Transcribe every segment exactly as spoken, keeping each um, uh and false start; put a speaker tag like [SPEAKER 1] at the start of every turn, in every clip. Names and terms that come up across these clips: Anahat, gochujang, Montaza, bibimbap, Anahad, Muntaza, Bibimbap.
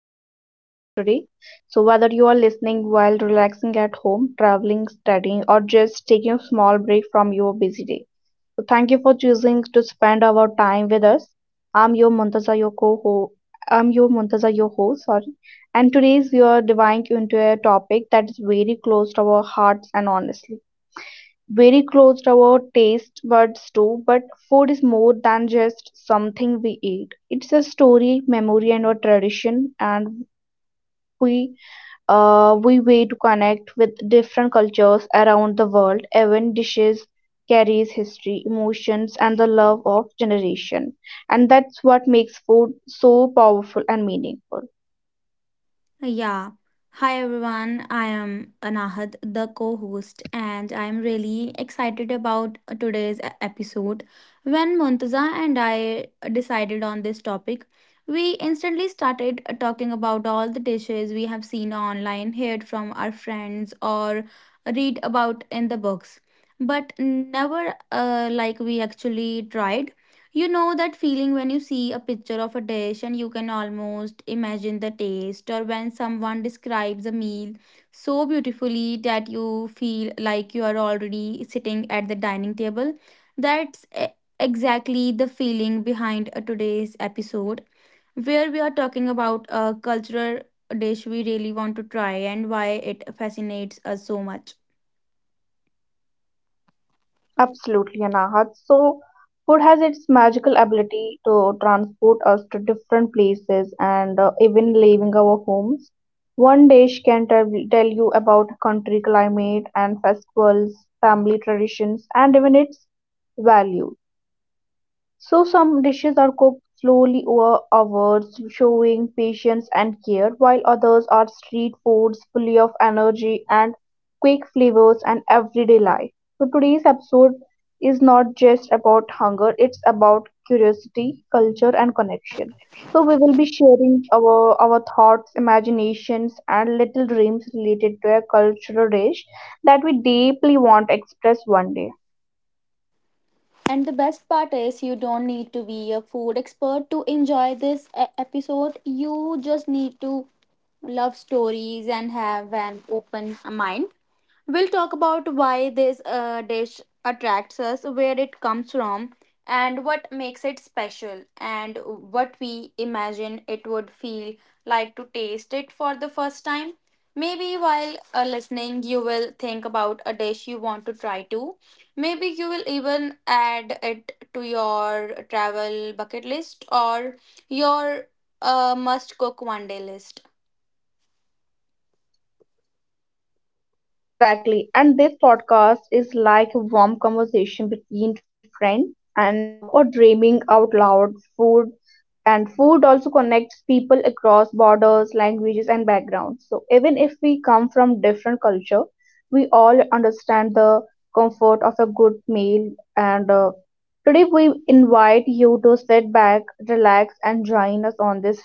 [SPEAKER 1] have you with us today. So, whether you are listening while relaxing at home, traveling, studying, or just taking a small break from your busy day, so thank you for choosing to spend our time with us. I'm your Muntaza, your co I'm your Muntaza, your host. Sorry, and today's we are diving into a topic that is very close to our hearts and honestly very close to our taste buds too, but food is more than just something we eat. It's a story, memory, and a tradition. And we uh we way to connect with different cultures around the world. Even dishes carries history, emotions, and the love of generation, and that's what makes food so powerful and meaningful.
[SPEAKER 2] Yeah. Hi everyone. I am Anahad, the co-host, and I am really excited about today's e- episode. When Muntaza and I decided on this topic, we instantly started talking about all the dishes we have seen online, heard from our friends, or read about in the books, but never uh, like we actually tried. You know that feeling when you see a picture of a dish and you can almost imagine the taste, or when someone describes a meal so beautifully that you feel like you are already sitting at the dining table. That's e- exactly the feeling behind uh, today's episode, where we are talking about a cultural dish we really want to try and why it fascinates us so much.
[SPEAKER 1] Absolutely, Anahat. So, food has its magical ability to transport us to different places and uh, even leaving our homes. One dish can tell, tell you about country, climate and festivals, family traditions, and even its value. So some dishes are cooked slowly over hours, showing patience and care, while others are street foods full of energy and quick flavors and everyday life. So today's episode is not just about hunger, it's about curiosity, culture and connection. So we will be sharing our, our thoughts, imaginations and little dreams related to a cultural dish that we deeply want to express one day.
[SPEAKER 2] And the best part is, you don't need to be a food expert to enjoy this e- episode. You just need to love stories and have an open mind. We'll talk about why this uh, dish attracts us, where it comes from, and what makes it special, and what we imagine it would feel like to taste it for the first time. Maybe while uh, listening, you will think about a dish you want to try too. Maybe you will even add it to your travel bucket list or your uh, must cook one day list.
[SPEAKER 1] Exactly. And this podcast is like a warm conversation between friends and uh, who are dreaming out loud food. And food also connects people across borders, languages, and backgrounds. So even if we come from different culture, we all understand the comfort of a good meal. And uh, today we invite you to sit back, relax, and join us on this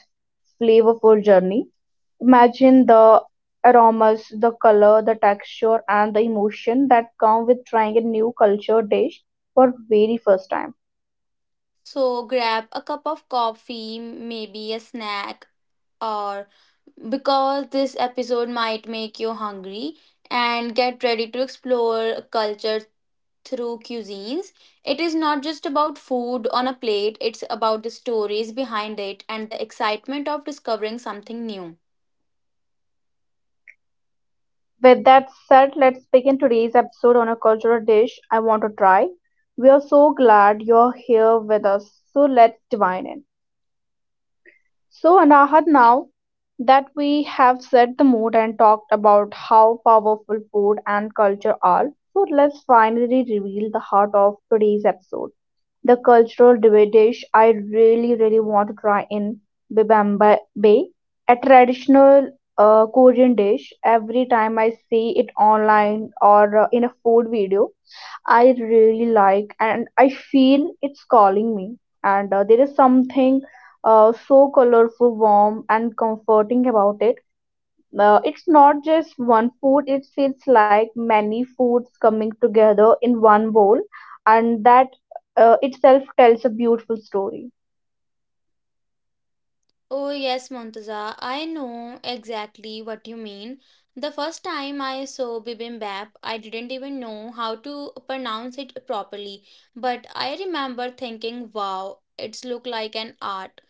[SPEAKER 1] flavorful journey. Imagine the aromas, the color, the texture, and the emotion that come with trying a new culture dish for very first time.
[SPEAKER 2] So grab a cup of coffee, maybe a snack, or, because this episode might make you hungry, and get ready to explore culture through cuisines. It is not just about food on a plate, it's about the stories behind it and the excitement of discovering something new.
[SPEAKER 1] With that said, let's begin today's episode on a cultural dish I want to try. We are so glad you're here with us. So let's divine in. So, Anahat, now that we have set the mood and talked about how powerful food and culture are, so let's finally reveal the heart of today's episode, the cultural debate dish I really, really want to try in. Bibimbap, a traditional uh, Korean dish. Every time I see it online or uh, in a food video, I really like and I feel it's calling me. And uh, there is something uh, so colorful, warm, and comforting about it. Uh, it's not just one food, it feels like many foods coming together in one bowl, and that uh, itself tells a beautiful story.
[SPEAKER 3] Oh, yes, Montaza, I know exactly what you mean. The first time I saw bibimbap, I didn't even know how to pronounce it properly, but I remember thinking, wow, it's look like an art.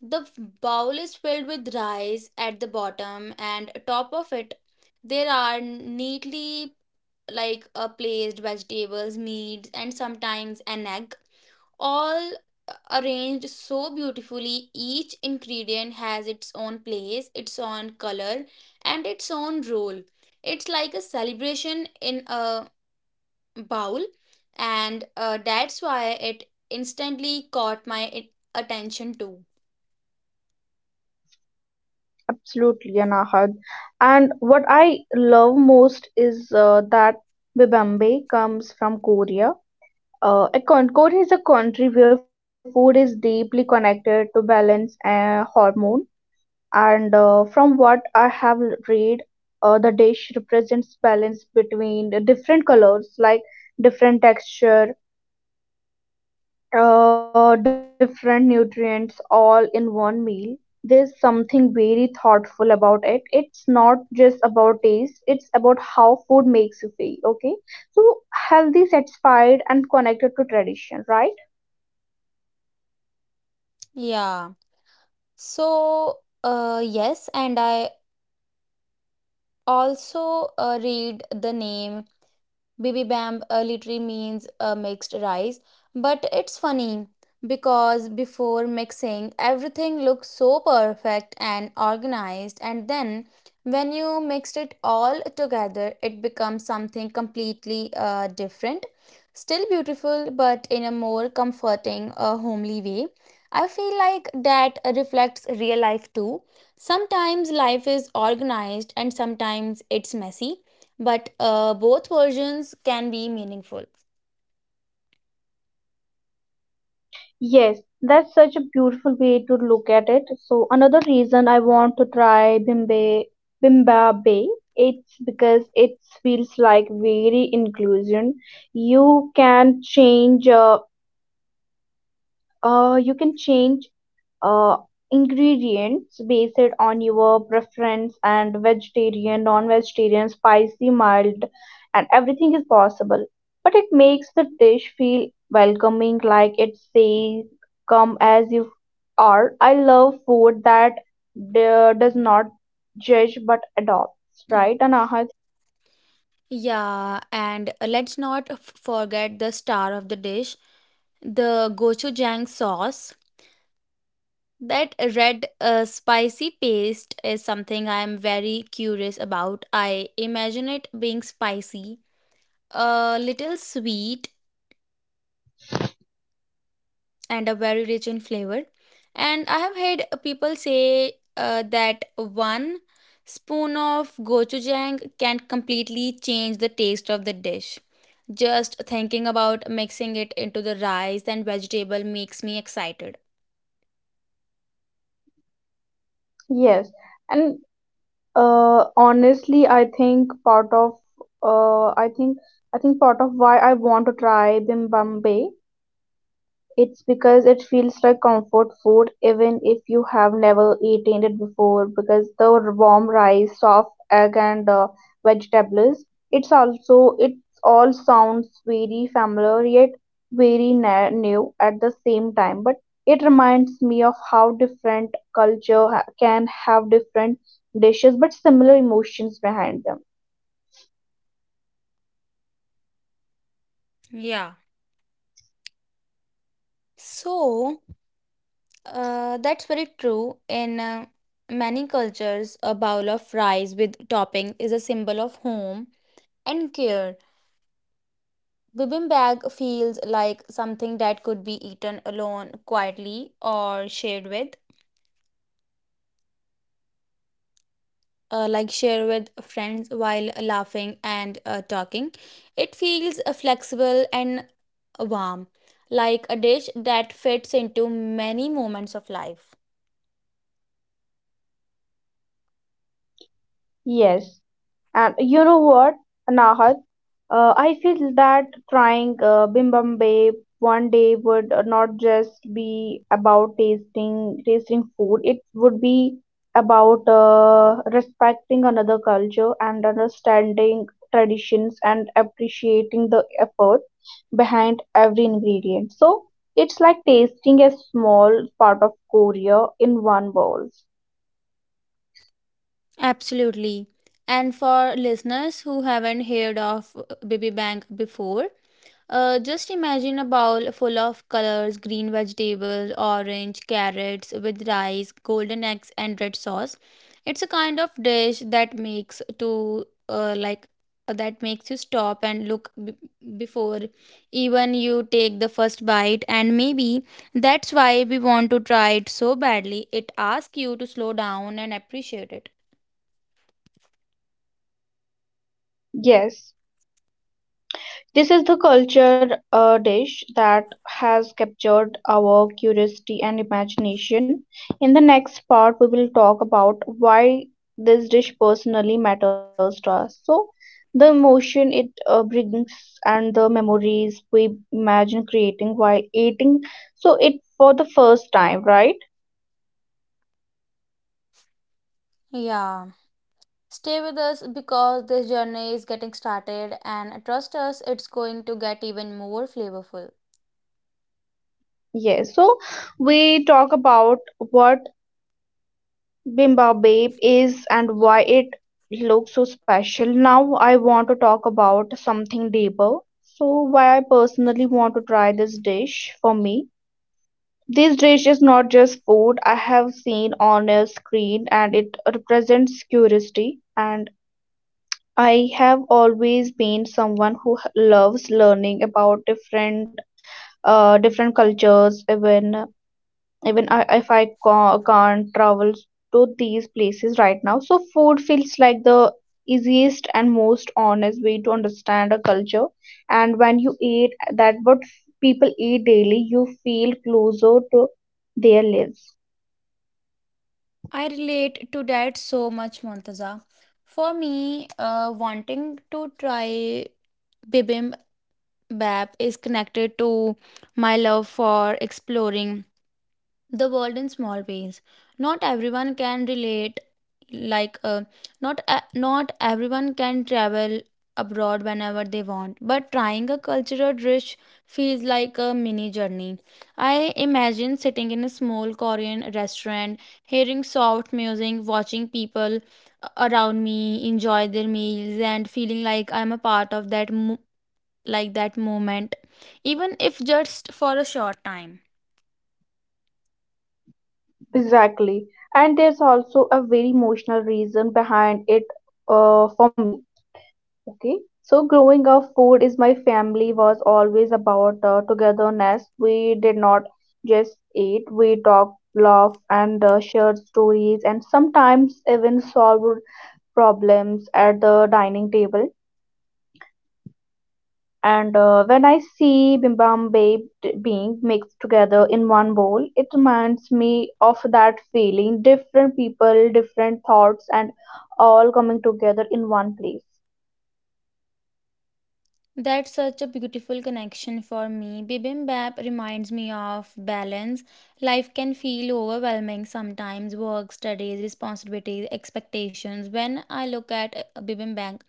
[SPEAKER 3] The f- bowl is filled with rice at the bottom and top of it there are neatly like uh, placed vegetables, meats, and sometimes an egg. All arranged so beautifully. Each ingredient has its own place, its own color, and its own role. It's like a celebration in a bowl, and uh, that's why it instantly caught my i- attention too.
[SPEAKER 1] Absolutely, Anahad. And what I love most is uh, that bibimbap comes from Korea. Uh, at Concord is a country where food is deeply connected to balance and hormone. And uh, from what I have read, uh, the dish represents balance between the different colors, like different texture, uh, different nutrients, all in one meal. There's something very thoughtful about it. It's not just about taste; it's about how food makes you feel. Okay, so healthy, satisfied, and connected to tradition, right?
[SPEAKER 3] Yeah. So, uh, yes, and I also uh, read the name Bibi uh, literally means uh, mixed rice, but it's funny because before mixing, everything looks so perfect and organized, and then when you mixed it all together, it becomes something completely uh, different. Still beautiful, but in a more comforting, uh, homely way. I feel like that reflects real life too. Sometimes life is organized and sometimes it's messy but uh, both versions can be meaningful.
[SPEAKER 1] Yes, that's such a beautiful way to look at it. So another reason I want to try Bimbe Bimbabe, it's because it feels like very inclusion. You can change uh, uh you can change uh, ingredients based on your preference and vegetarian, non-vegetarian, spicy, mild, and everything is possible. But it makes the dish feel welcoming, like it says, "Come as you are." I love food that d- does not judge but adopts, right, Anahat?
[SPEAKER 3] Yeah, and uh, let's not f- forget the star of the dish, the gochujang sauce. That red uh, spicy paste is something I'm very curious about. I imagine it being spicy, a little sweet, and a very rich in flavor. And I have heard people say uh, that one spoon of gochujang can completely change the taste of the dish. Just thinking about mixing it into the rice and vegetable makes me excited.
[SPEAKER 1] Yes, and uh, honestly, I think part of uh, I think I think part of why I want to try bibimbap. It's because it feels like comfort food even if you have never eaten it before, because the warm rice, soft egg and uh, vegetables, it's also it all sounds very familiar yet very na- new at the same time, but it reminds me of how different culture ha- can have different dishes but similar emotions behind them.
[SPEAKER 3] Yeah. So, uh, that's very true. In uh, many cultures, a bowl of rice with topping is a symbol of home and care. Bibimbap feels like something that could be eaten alone, quietly, or shared with, uh, like share with friends while laughing and uh, talking. It feels uh, flexible and warm, like a dish that fits into many moments of life.
[SPEAKER 1] Yes. And you know what? Naha, Uh, I feel that trying uh, bibimbap one day would uh, not just be about tasting tasting food. It would be about uh, respecting another culture and understanding traditions and appreciating the effort behind every ingredient. So it's like tasting a small part of Korea in one bowl.
[SPEAKER 3] Absolutely. And for listeners who haven't heard of bibimbap before, Uh, just imagine a bowl full of colors green vegetables, orange, carrots with rice, golden eggs, and red sauce. It's a kind of dish that makes to uh, like uh, that makes you stop and look b- before even you take the first bite, and maybe that's why we want to try it so badly. It asks you to slow down and appreciate it.
[SPEAKER 1] Yes. This is the culture uh, dish that has captured our curiosity and imagination. In the next part, we will talk about why this dish personally matters to us. So, the emotion it uh, brings and the memories we imagine creating while eating. So, it for the first time, right?
[SPEAKER 3] Yeah. Stay with us, because this journey is getting started, and trust us, it's going to get even more flavorful.
[SPEAKER 1] Yes. So, we talk about what Bimbabwe is and why it looks so special. Now I want to talk about something deeper. So why I personally want to try this dish for me. This dish is not just food I have seen on a screen, and it represents curiosity. And I have always been someone who h- loves learning about different uh, different cultures. Even even I, if i ca- can't travel to these places right now. So food feels like the easiest and most honest way to understand a culture. And when you eat that what people eat daily, you feel closer to their lives.
[SPEAKER 3] I relate to that so much, Montaza. For me, uh, wanting to try bibimbap is connected to my love for exploring the world in small ways. Not everyone can relate, like uh, not a- not everyone can travel abroad whenever they want, but trying a cultural dish feels like a mini journey. I imagine sitting in a small Korean restaurant, hearing soft music, watching people uh, around me enjoy their meals, and feeling like I'm a part of that mo- like that moment, even if just for a short time.
[SPEAKER 1] Exactly. And there's also a very emotional reason behind it, uh, for me. Okay, so growing up, food is my family was always about uh, togetherness. We did not just eat, we talked, laughed, and uh, shared stories, and sometimes even solved problems at the dining table. And uh, when I see bibimbap b- being mixed together in one bowl, it reminds me of that feeling, different people, different thoughts, and all coming together in one place.
[SPEAKER 3] That's such a beautiful connection for me. Bibimbap reminds me of balance. Life can feel overwhelming sometimes: work, studies, responsibilities, expectations. When I look at a bibimbap,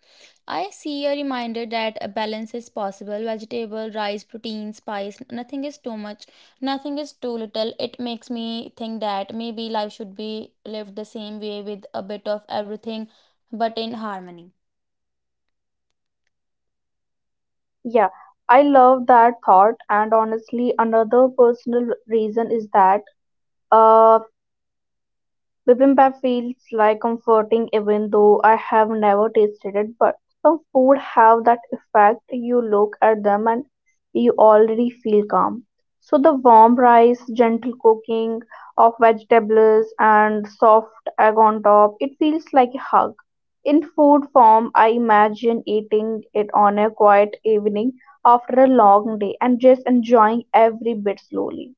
[SPEAKER 3] I see a reminder that a balance is possible. Vegetable, rice, protein, spice, nothing is too much, nothing is too little. It makes me think that maybe life should be lived the same way, with a bit of everything but in harmony.
[SPEAKER 1] Yeah, I love that thought. And honestly, another personal reason is that uh, Bibimbap feels like comforting even though I have never tasted it, but some food have that effect. You look at them and you already feel calm. So the warm rice, gentle cooking of vegetables and soft egg on top, it feels like a hug. In food form, I imagine eating it on a quiet evening after a long day and just enjoying every bit slowly.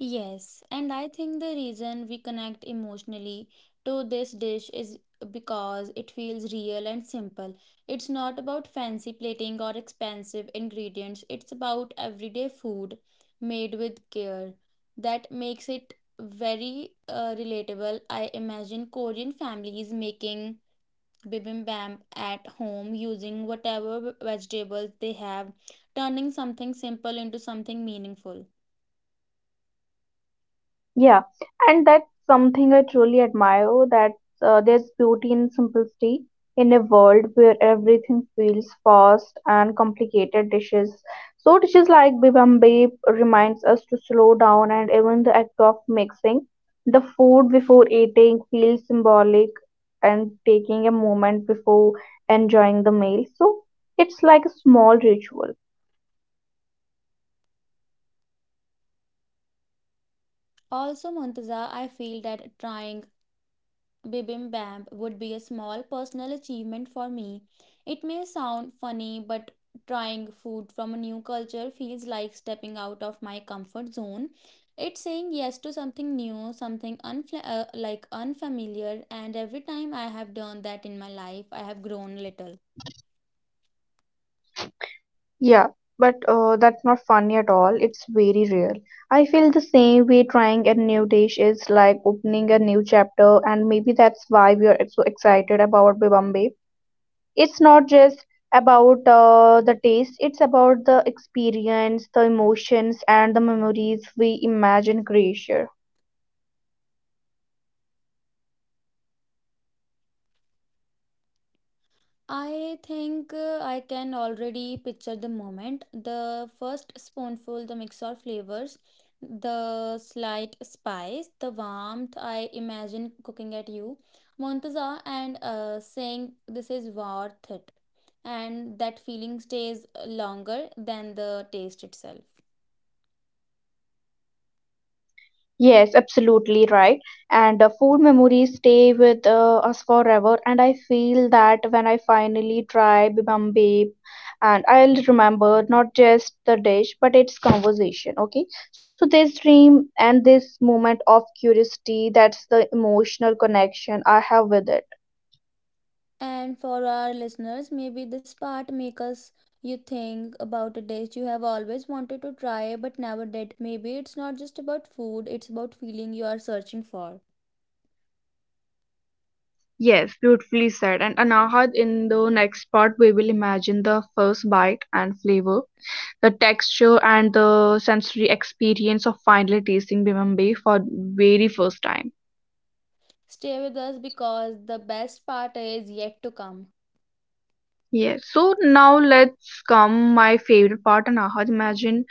[SPEAKER 3] Yes, and I think the reason we connect emotionally to this dish is because it feels real and simple. It's not about fancy plating or expensive ingredients, it's about everyday food made with care. That makes it very uh, relatable. I imagine Korean families making bibimbap at home using whatever vegetables they have, turning something simple into something meaningful.
[SPEAKER 1] Yeah, and that's something I truly admire. Oh, that uh, there's beauty in simplicity in a world where everything feels fast and complicated dishes. So dishes like bibimbap reminds us to slow down, and even the act of mixing the food before eating feels symbolic, and taking a moment before enjoying the meal. So it's like a small ritual.
[SPEAKER 3] Also, Montaza, I feel that trying bibimbap would be a small personal achievement for me. It may sound funny, but trying food from a new culture feels like stepping out of my comfort zone. It's saying yes to something new, something unfla- uh, like unfamiliar, and every time I have done that in my life, I have grown a little.
[SPEAKER 1] Yeah, but uh, that's not funny at all. It's very real. I feel the same way, trying a new dish is like opening a new chapter, and maybe that's why we are so excited about Bombay. It's not just about uh, the taste, it's about the experience, the emotions, and the memories we imagine creation.
[SPEAKER 3] I think uh, I can already picture the moment. The first spoonful, the mix of flavors, the slight spice, the warmth. I imagine cooking at you, Montaza, and uh, saying this is worth it. And that feeling stays longer than the taste itself.
[SPEAKER 1] Yes, absolutely right. And uh, food memories stay with uh, us forever. And I feel that when I finally try bibimbap, and I'll remember not just the dish but its conversation. Okay, so this dream and this moment of curiosity, that's the emotional connection I have with it.
[SPEAKER 3] And for our listeners, maybe this part make us you think about a dish you have always wanted to try but never did. Maybe it's not just about food, it's about feeling you are searching for.
[SPEAKER 1] Yes, beautifully said. And Anahad, in the next part, we will imagine the first bite and flavor, the texture and the sensory experience of finally tasting bibimbap for very first time.
[SPEAKER 3] Stay with us, because the best part is yet to come.
[SPEAKER 1] Yes, so now let's come my favorite part. And aha, imagine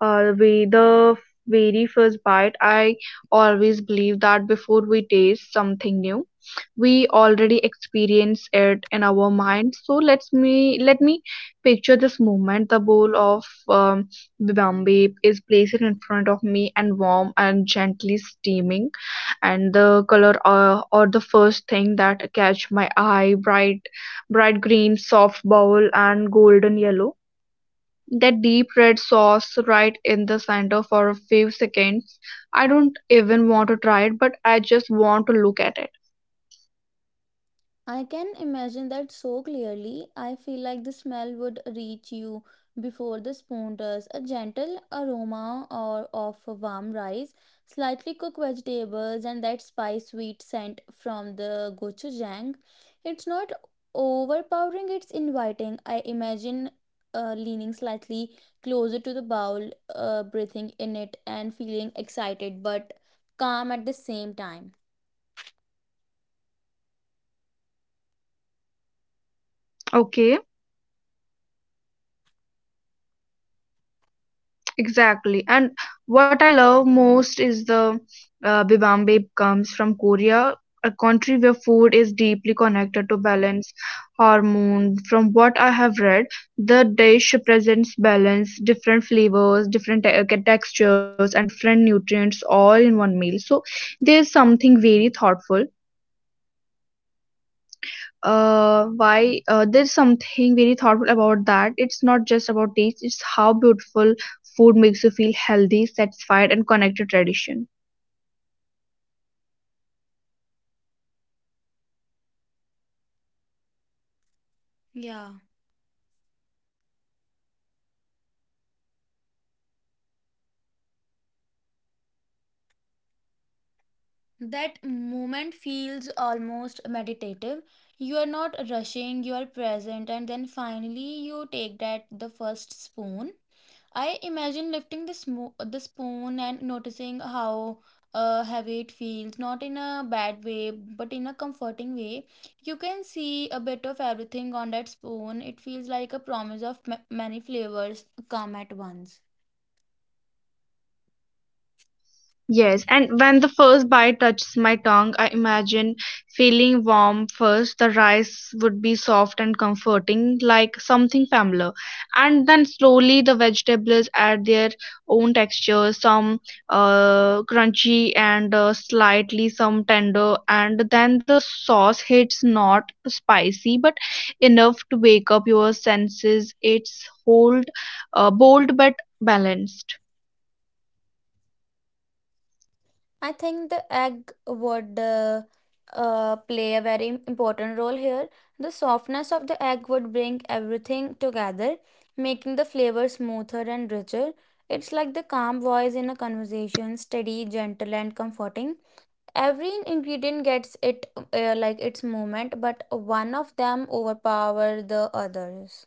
[SPEAKER 1] uh, we the very first bite. I always believe that before we taste something new, we already experience it in our mind. So let's me let me picture this moment. The bowl of um, bibimbap is placed in front of me, and warm and gently steaming. And the color uh, or the first thing that catch my eye, bright bright green, soft bowl, and golden yellow. That deep red sauce right in the center for a few seconds. I don't even want to try it, but I just want to look at it.
[SPEAKER 3] I can imagine that so clearly. I feel like the smell would reach you before the spoon does. A gentle aroma or of warm rice, slightly cooked vegetables, and that spice sweet scent from the gochujang. It's not overpowering, it's inviting. I imagine uh, leaning slightly closer to the bowl, uh, breathing in it, and feeling excited but calm at the same time.
[SPEAKER 1] Okay. Exactly. And what I love most is the uh, bibimbap comes from Korea, a country where food is deeply connected to balance hormone. From what I have read, the dish presents balance, different flavors, different te- uh, textures, and different nutrients all in one meal. So there's something very thoughtful uh, why uh, there's something very thoughtful about that. It's not just about taste, it's how beautiful food makes you feel, healthy, satisfied, and connected to tradition.
[SPEAKER 3] Yeah. That moment feels almost meditative. You are not rushing, you are present, and then finally you take that the first spoon. I imagine lifting the, smo- the spoon and noticing how uh, heavy it feels, not in a bad way, but in a comforting way. You can see a bit of everything on that spoon. It feels like a promise of ma- many flavors come at once.
[SPEAKER 1] Yes, and when the first bite touches my tongue, I imagine feeling warm first. The rice would be soft and comforting, like something familiar. And then slowly the vegetables add their own texture, some uh, crunchy and uh, slightly some tender. And then the sauce hits, not spicy, but enough to wake up your senses. It's hold, uh, bold but balanced.
[SPEAKER 3] I think the egg would uh, uh, play a very im- important role here. The softness of the egg would bring everything together, making the flavor smoother and richer. It's like the calm voice in a conversation, steady, gentle, and comforting. Every ingredient gets it uh, like its moment, but one of them overpower the others.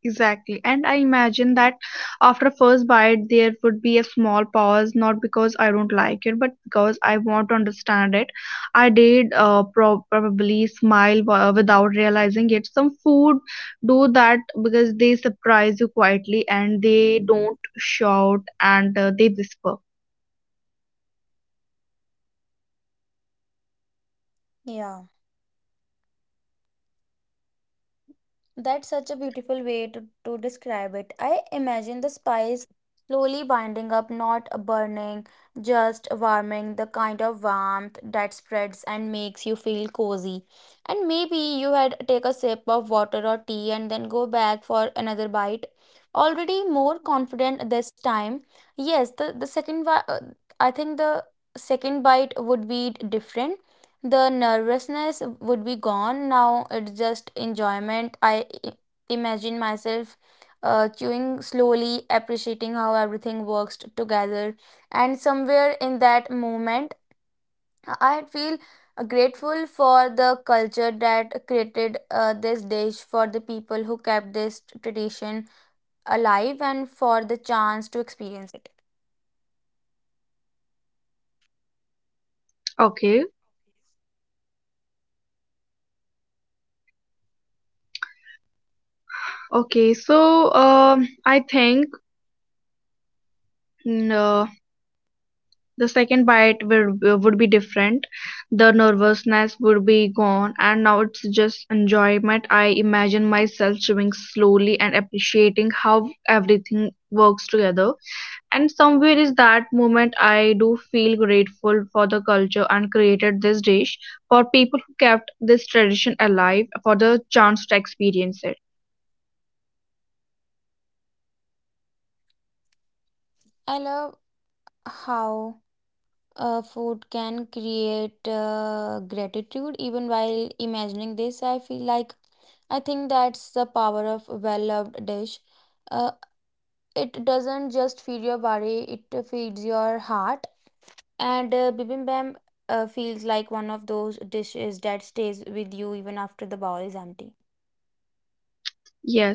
[SPEAKER 1] Exactly. And I imagine that after first bite there would be a small pause, not because I don't like it, but because I want to understand it. I did uh, pro- probably smile w- without realizing it. Some food do that because they surprise you quietly, and they don't shout, and uh, they whisper.
[SPEAKER 3] Yeah. That's such a beautiful way to, to describe it. I imagine the spice slowly binding up, not a burning, just a warming, the kind of warmth that spreads and makes you feel cozy. And maybe you had take a sip of water or tea and then go back for another bite. Already more confident this time. Yes, the, the second, wa- uh, I think the second bite would be different. The nervousness would be gone, now it's just enjoyment. I i- imagine myself uh, chewing slowly, appreciating how everything works t- together, and somewhere in that moment I feel grateful for the culture that created uh, this dish, for the people who kept this t- tradition alive, and for the chance to experience it.
[SPEAKER 1] Okay. Okay. So um I think. mm, Uh, the second bite would would be different. The nervousness would be gone, and now it's just enjoyment. I imagine myself chewing slowly and appreciating how everything works together, and somewhere is that moment I do feel grateful for the culture and created this dish, for people who kept this tradition alive, for the chance to experience it.
[SPEAKER 3] I love how Uh, food can create uh, gratitude even while imagining this. I feel like I think that's the power of a well-loved dish. Uh, it doesn't just feed your body; it feeds your heart. And uh, bibimbap uh, feels like one of those dishes that stays with you even after the bowl is empty.
[SPEAKER 1] Yes,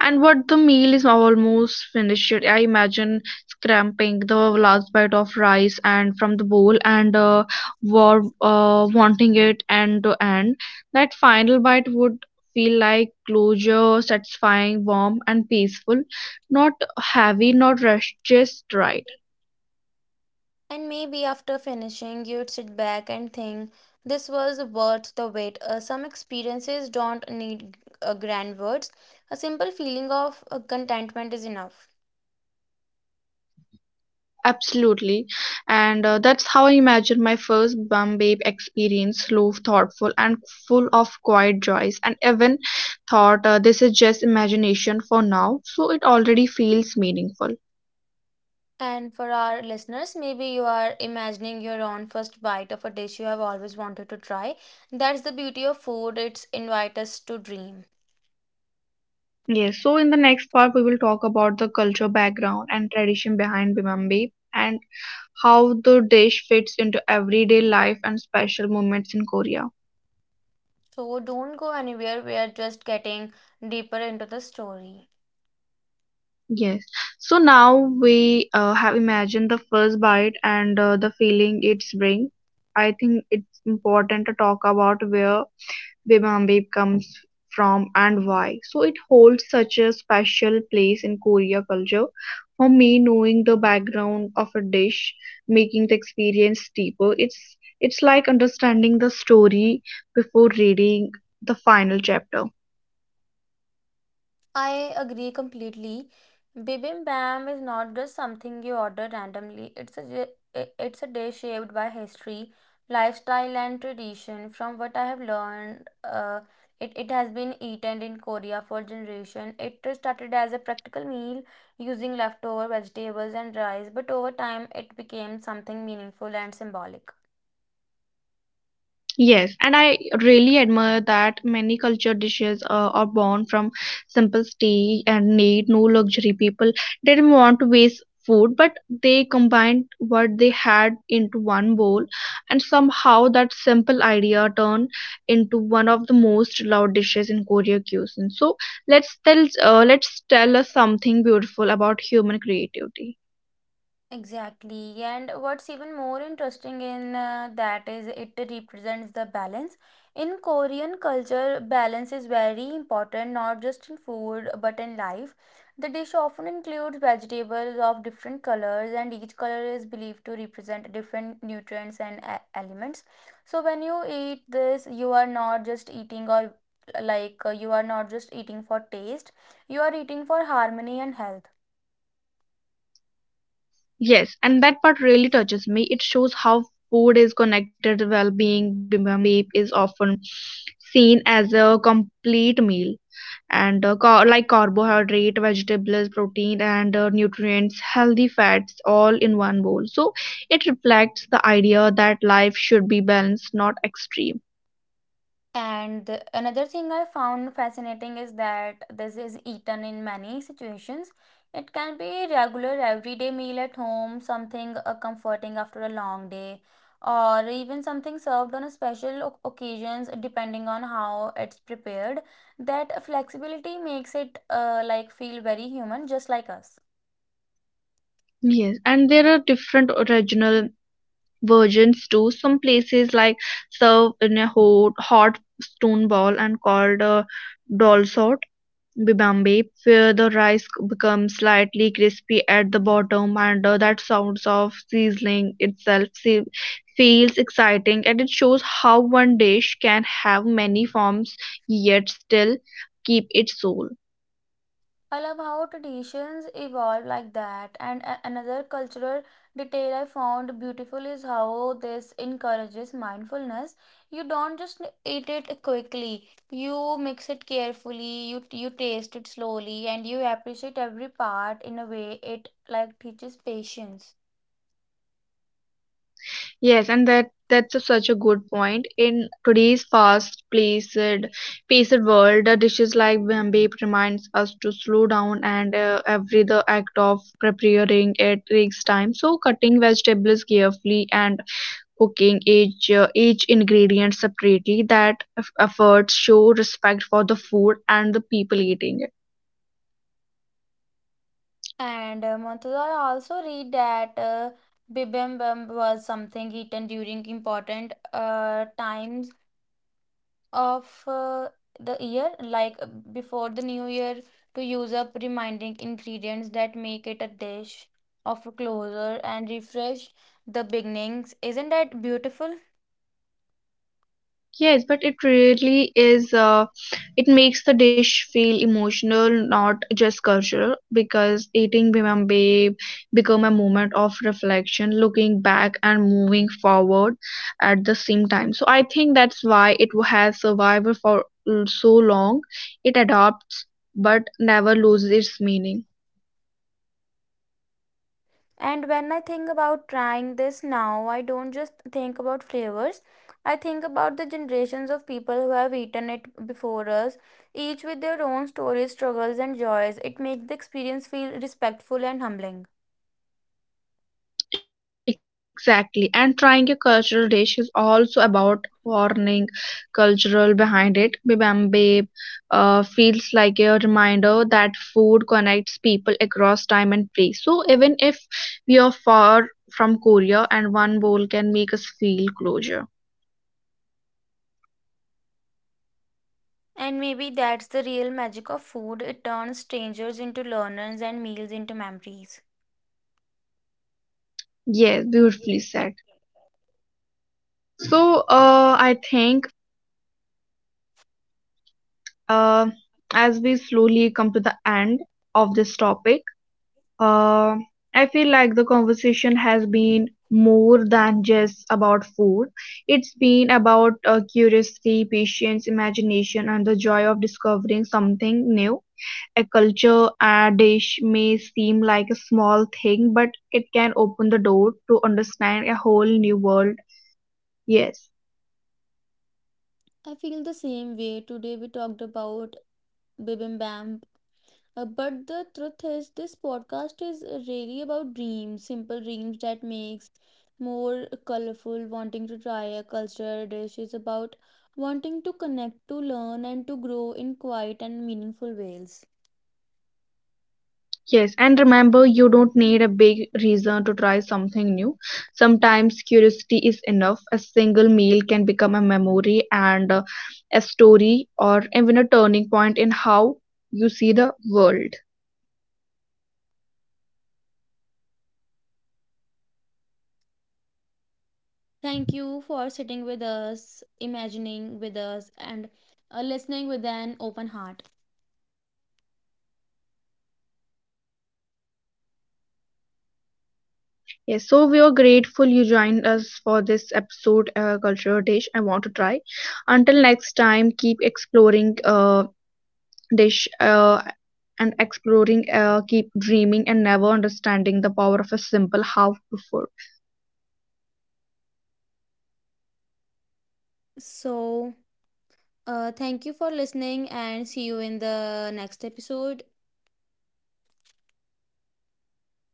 [SPEAKER 1] and what the meal is almost finished. I imagine scraping the last bite of rice and from the bowl and uh, war, uh, wanting it end to end. That final bite would feel like closure, satisfying, warm, and peaceful. Not heavy, not rushed, just right.
[SPEAKER 3] And maybe after finishing, you'd sit back and think, this was worth the wait. Uh, some experiences don't need uh, grand words, a simple feeling of uh, contentment is enough.
[SPEAKER 1] Absolutely. And uh, that's how I imagine my first Bombay experience, slow, thoughtful, and full of quiet joys. And even thought uh, this is just imagination for now, so it already feels meaningful.
[SPEAKER 3] And for our listeners, maybe you are imagining your own first bite of a dish you have always wanted to try. That's the beauty of food, it's invite us to dream.
[SPEAKER 1] Yes, so in the next part, we will talk about the culture background and tradition behind Bombay and how the dish fits into everyday life and special moments in Korea.
[SPEAKER 3] So don't go anywhere, we are just getting deeper into the story.
[SPEAKER 1] Yes. So now we uh, have imagined the first bite and uh, the feeling it's bring. I think it's important to talk about where bibimbap comes from and why. So it holds such a special place in Korea culture. For me, knowing the background of a dish, making the experience deeper. It's it's like understanding the story before reading the final chapter.
[SPEAKER 3] I agree completely. Bibimbap is not just something you order randomly. It's a j- i- it's a dish shaped by history, lifestyle, and tradition. From what I have learned, uh, it, it has been eaten in Korea for generation. It started as a practical meal using leftover vegetables and rice, but over time it became something meaningful and symbolic.
[SPEAKER 1] Yes, and I really admire that many culture dishes uh, are born from simplicity and need no luxury. People didn't want to waste food, but they combined what they had into one bowl, and somehow that simple idea turned into one of the most loved dishes in Korean cuisine. So let's tell uh, let's tell us something beautiful about human creativity.
[SPEAKER 3] Exactly. And what's even more interesting in uh, that is it represents the balance. In Korean culture, balance is very important, not just in food but in life. The dish often includes vegetables of different colors, and each color is believed to represent different nutrients and e- elements. So when you eat this, you are not just eating or like uh, you are not just eating for taste, you are eating for harmony and health.
[SPEAKER 1] Yes, and that part really touches me. It shows how food is connected to well-being. Bibimbap is often seen as a complete meal, and uh, car- like carbohydrate, vegetables, protein, and uh, nutrients, healthy fats, all in one bowl. So it reflects the idea that life should be balanced, not extreme.
[SPEAKER 3] And the- another thing I found fascinating is that this is eaten in many situations. It can be regular everyday meal at home, something uh, comforting after a long day, or even something served on a special oc- occasions depending on how it's prepared. That flexibility makes it uh, like feel very human, just like us.
[SPEAKER 1] Yes, and there are different regional versions too. Some places like serve in a hot, hot stone bowl and called a dalsot bibambe, where the rice becomes slightly crispy at the bottom, and uh, that sounds of sizzling itself se- feels exciting, and it shows how one dish can have many forms yet still keep its soul.
[SPEAKER 3] I love how traditions evolve like that. And a- another cultural detail I found beautiful is how this encourages mindfulness. You don't just eat it quickly, you mix it carefully, you, you taste it slowly, and you appreciate every part in a way it like teaches patience.
[SPEAKER 1] Yes, and that that's a- such a good point. In today's fast-paced, paced world, the dishes like bambi reminds us to slow down, and uh, every the act of preparing it takes time. So, cutting vegetables carefully and cooking each uh, each ingredient separately, that eff- efforts show respect for the food and the people eating it.
[SPEAKER 3] And uh, Murtaza, I also read that uh, bibimbap was something eaten during important uh, times of uh, the year, like uh, before the new year, to use up reminding ingredients that make it a dish of a closer and refresh the beginnings. Isn't that beautiful?
[SPEAKER 1] Yes, but it really is. Uh, it makes the dish feel emotional, not just cultural, because eating bibimbap become a moment of reflection, looking back and moving forward at the same time. So I think that's why it has survived for so long. It adapts but never loses its meaning.
[SPEAKER 3] And when I think about trying this now, I don't just think about flavors. I think about the generations of people who have eaten it before us, each with their own stories, struggles, and joys. It makes the experience feel respectful and humbling.
[SPEAKER 1] Exactly, and trying a cultural dish is also about warning cultural behind it. Bibimbap uh, feels like a reminder that food connects people across time and place. So even if we are far from Korea, and one bowl can make us feel closure.
[SPEAKER 3] And maybe that's the real magic of food. It turns strangers into learners and meals into memories.
[SPEAKER 1] Yes, beautifully said. So uh, I think uh, as we slowly come to the end of this topic. Uh, I feel like the conversation has been more than just about food. It's been about uh, curiosity, patience, imagination, and the joy of discovering something new. A culture a dish may seem like a small thing, but it can open the door to understand a whole new world. Yes.
[SPEAKER 3] I feel the same way. Today we talked about bibimbap. Uh, but the truth is, this podcast is really about dreams, simple dreams that makes more colorful. Wanting to try a culture dish is about wanting to connect, to learn, and to grow in quiet and meaningful ways.
[SPEAKER 1] Yes, and remember, you don't need a big reason to try something new. Sometimes curiosity is enough. A single meal can become a memory and uh, a story, or even a turning point in how you see the world.
[SPEAKER 3] Thank you for sitting with us, imagining with us, and uh, listening with an open heart.
[SPEAKER 1] Yes, so we are grateful you joined us for this episode, uh, Cultural Dish I Want to Try. Until next time, keep exploring uh, dish uh, and exploring, uh, keep dreaming and never understanding the power of a simple half to food.
[SPEAKER 3] So, uh, thank you for listening, and see you in the next episode.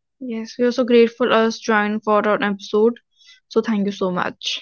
[SPEAKER 1] Yes, we are so grateful us join for our episode, so thank you so much.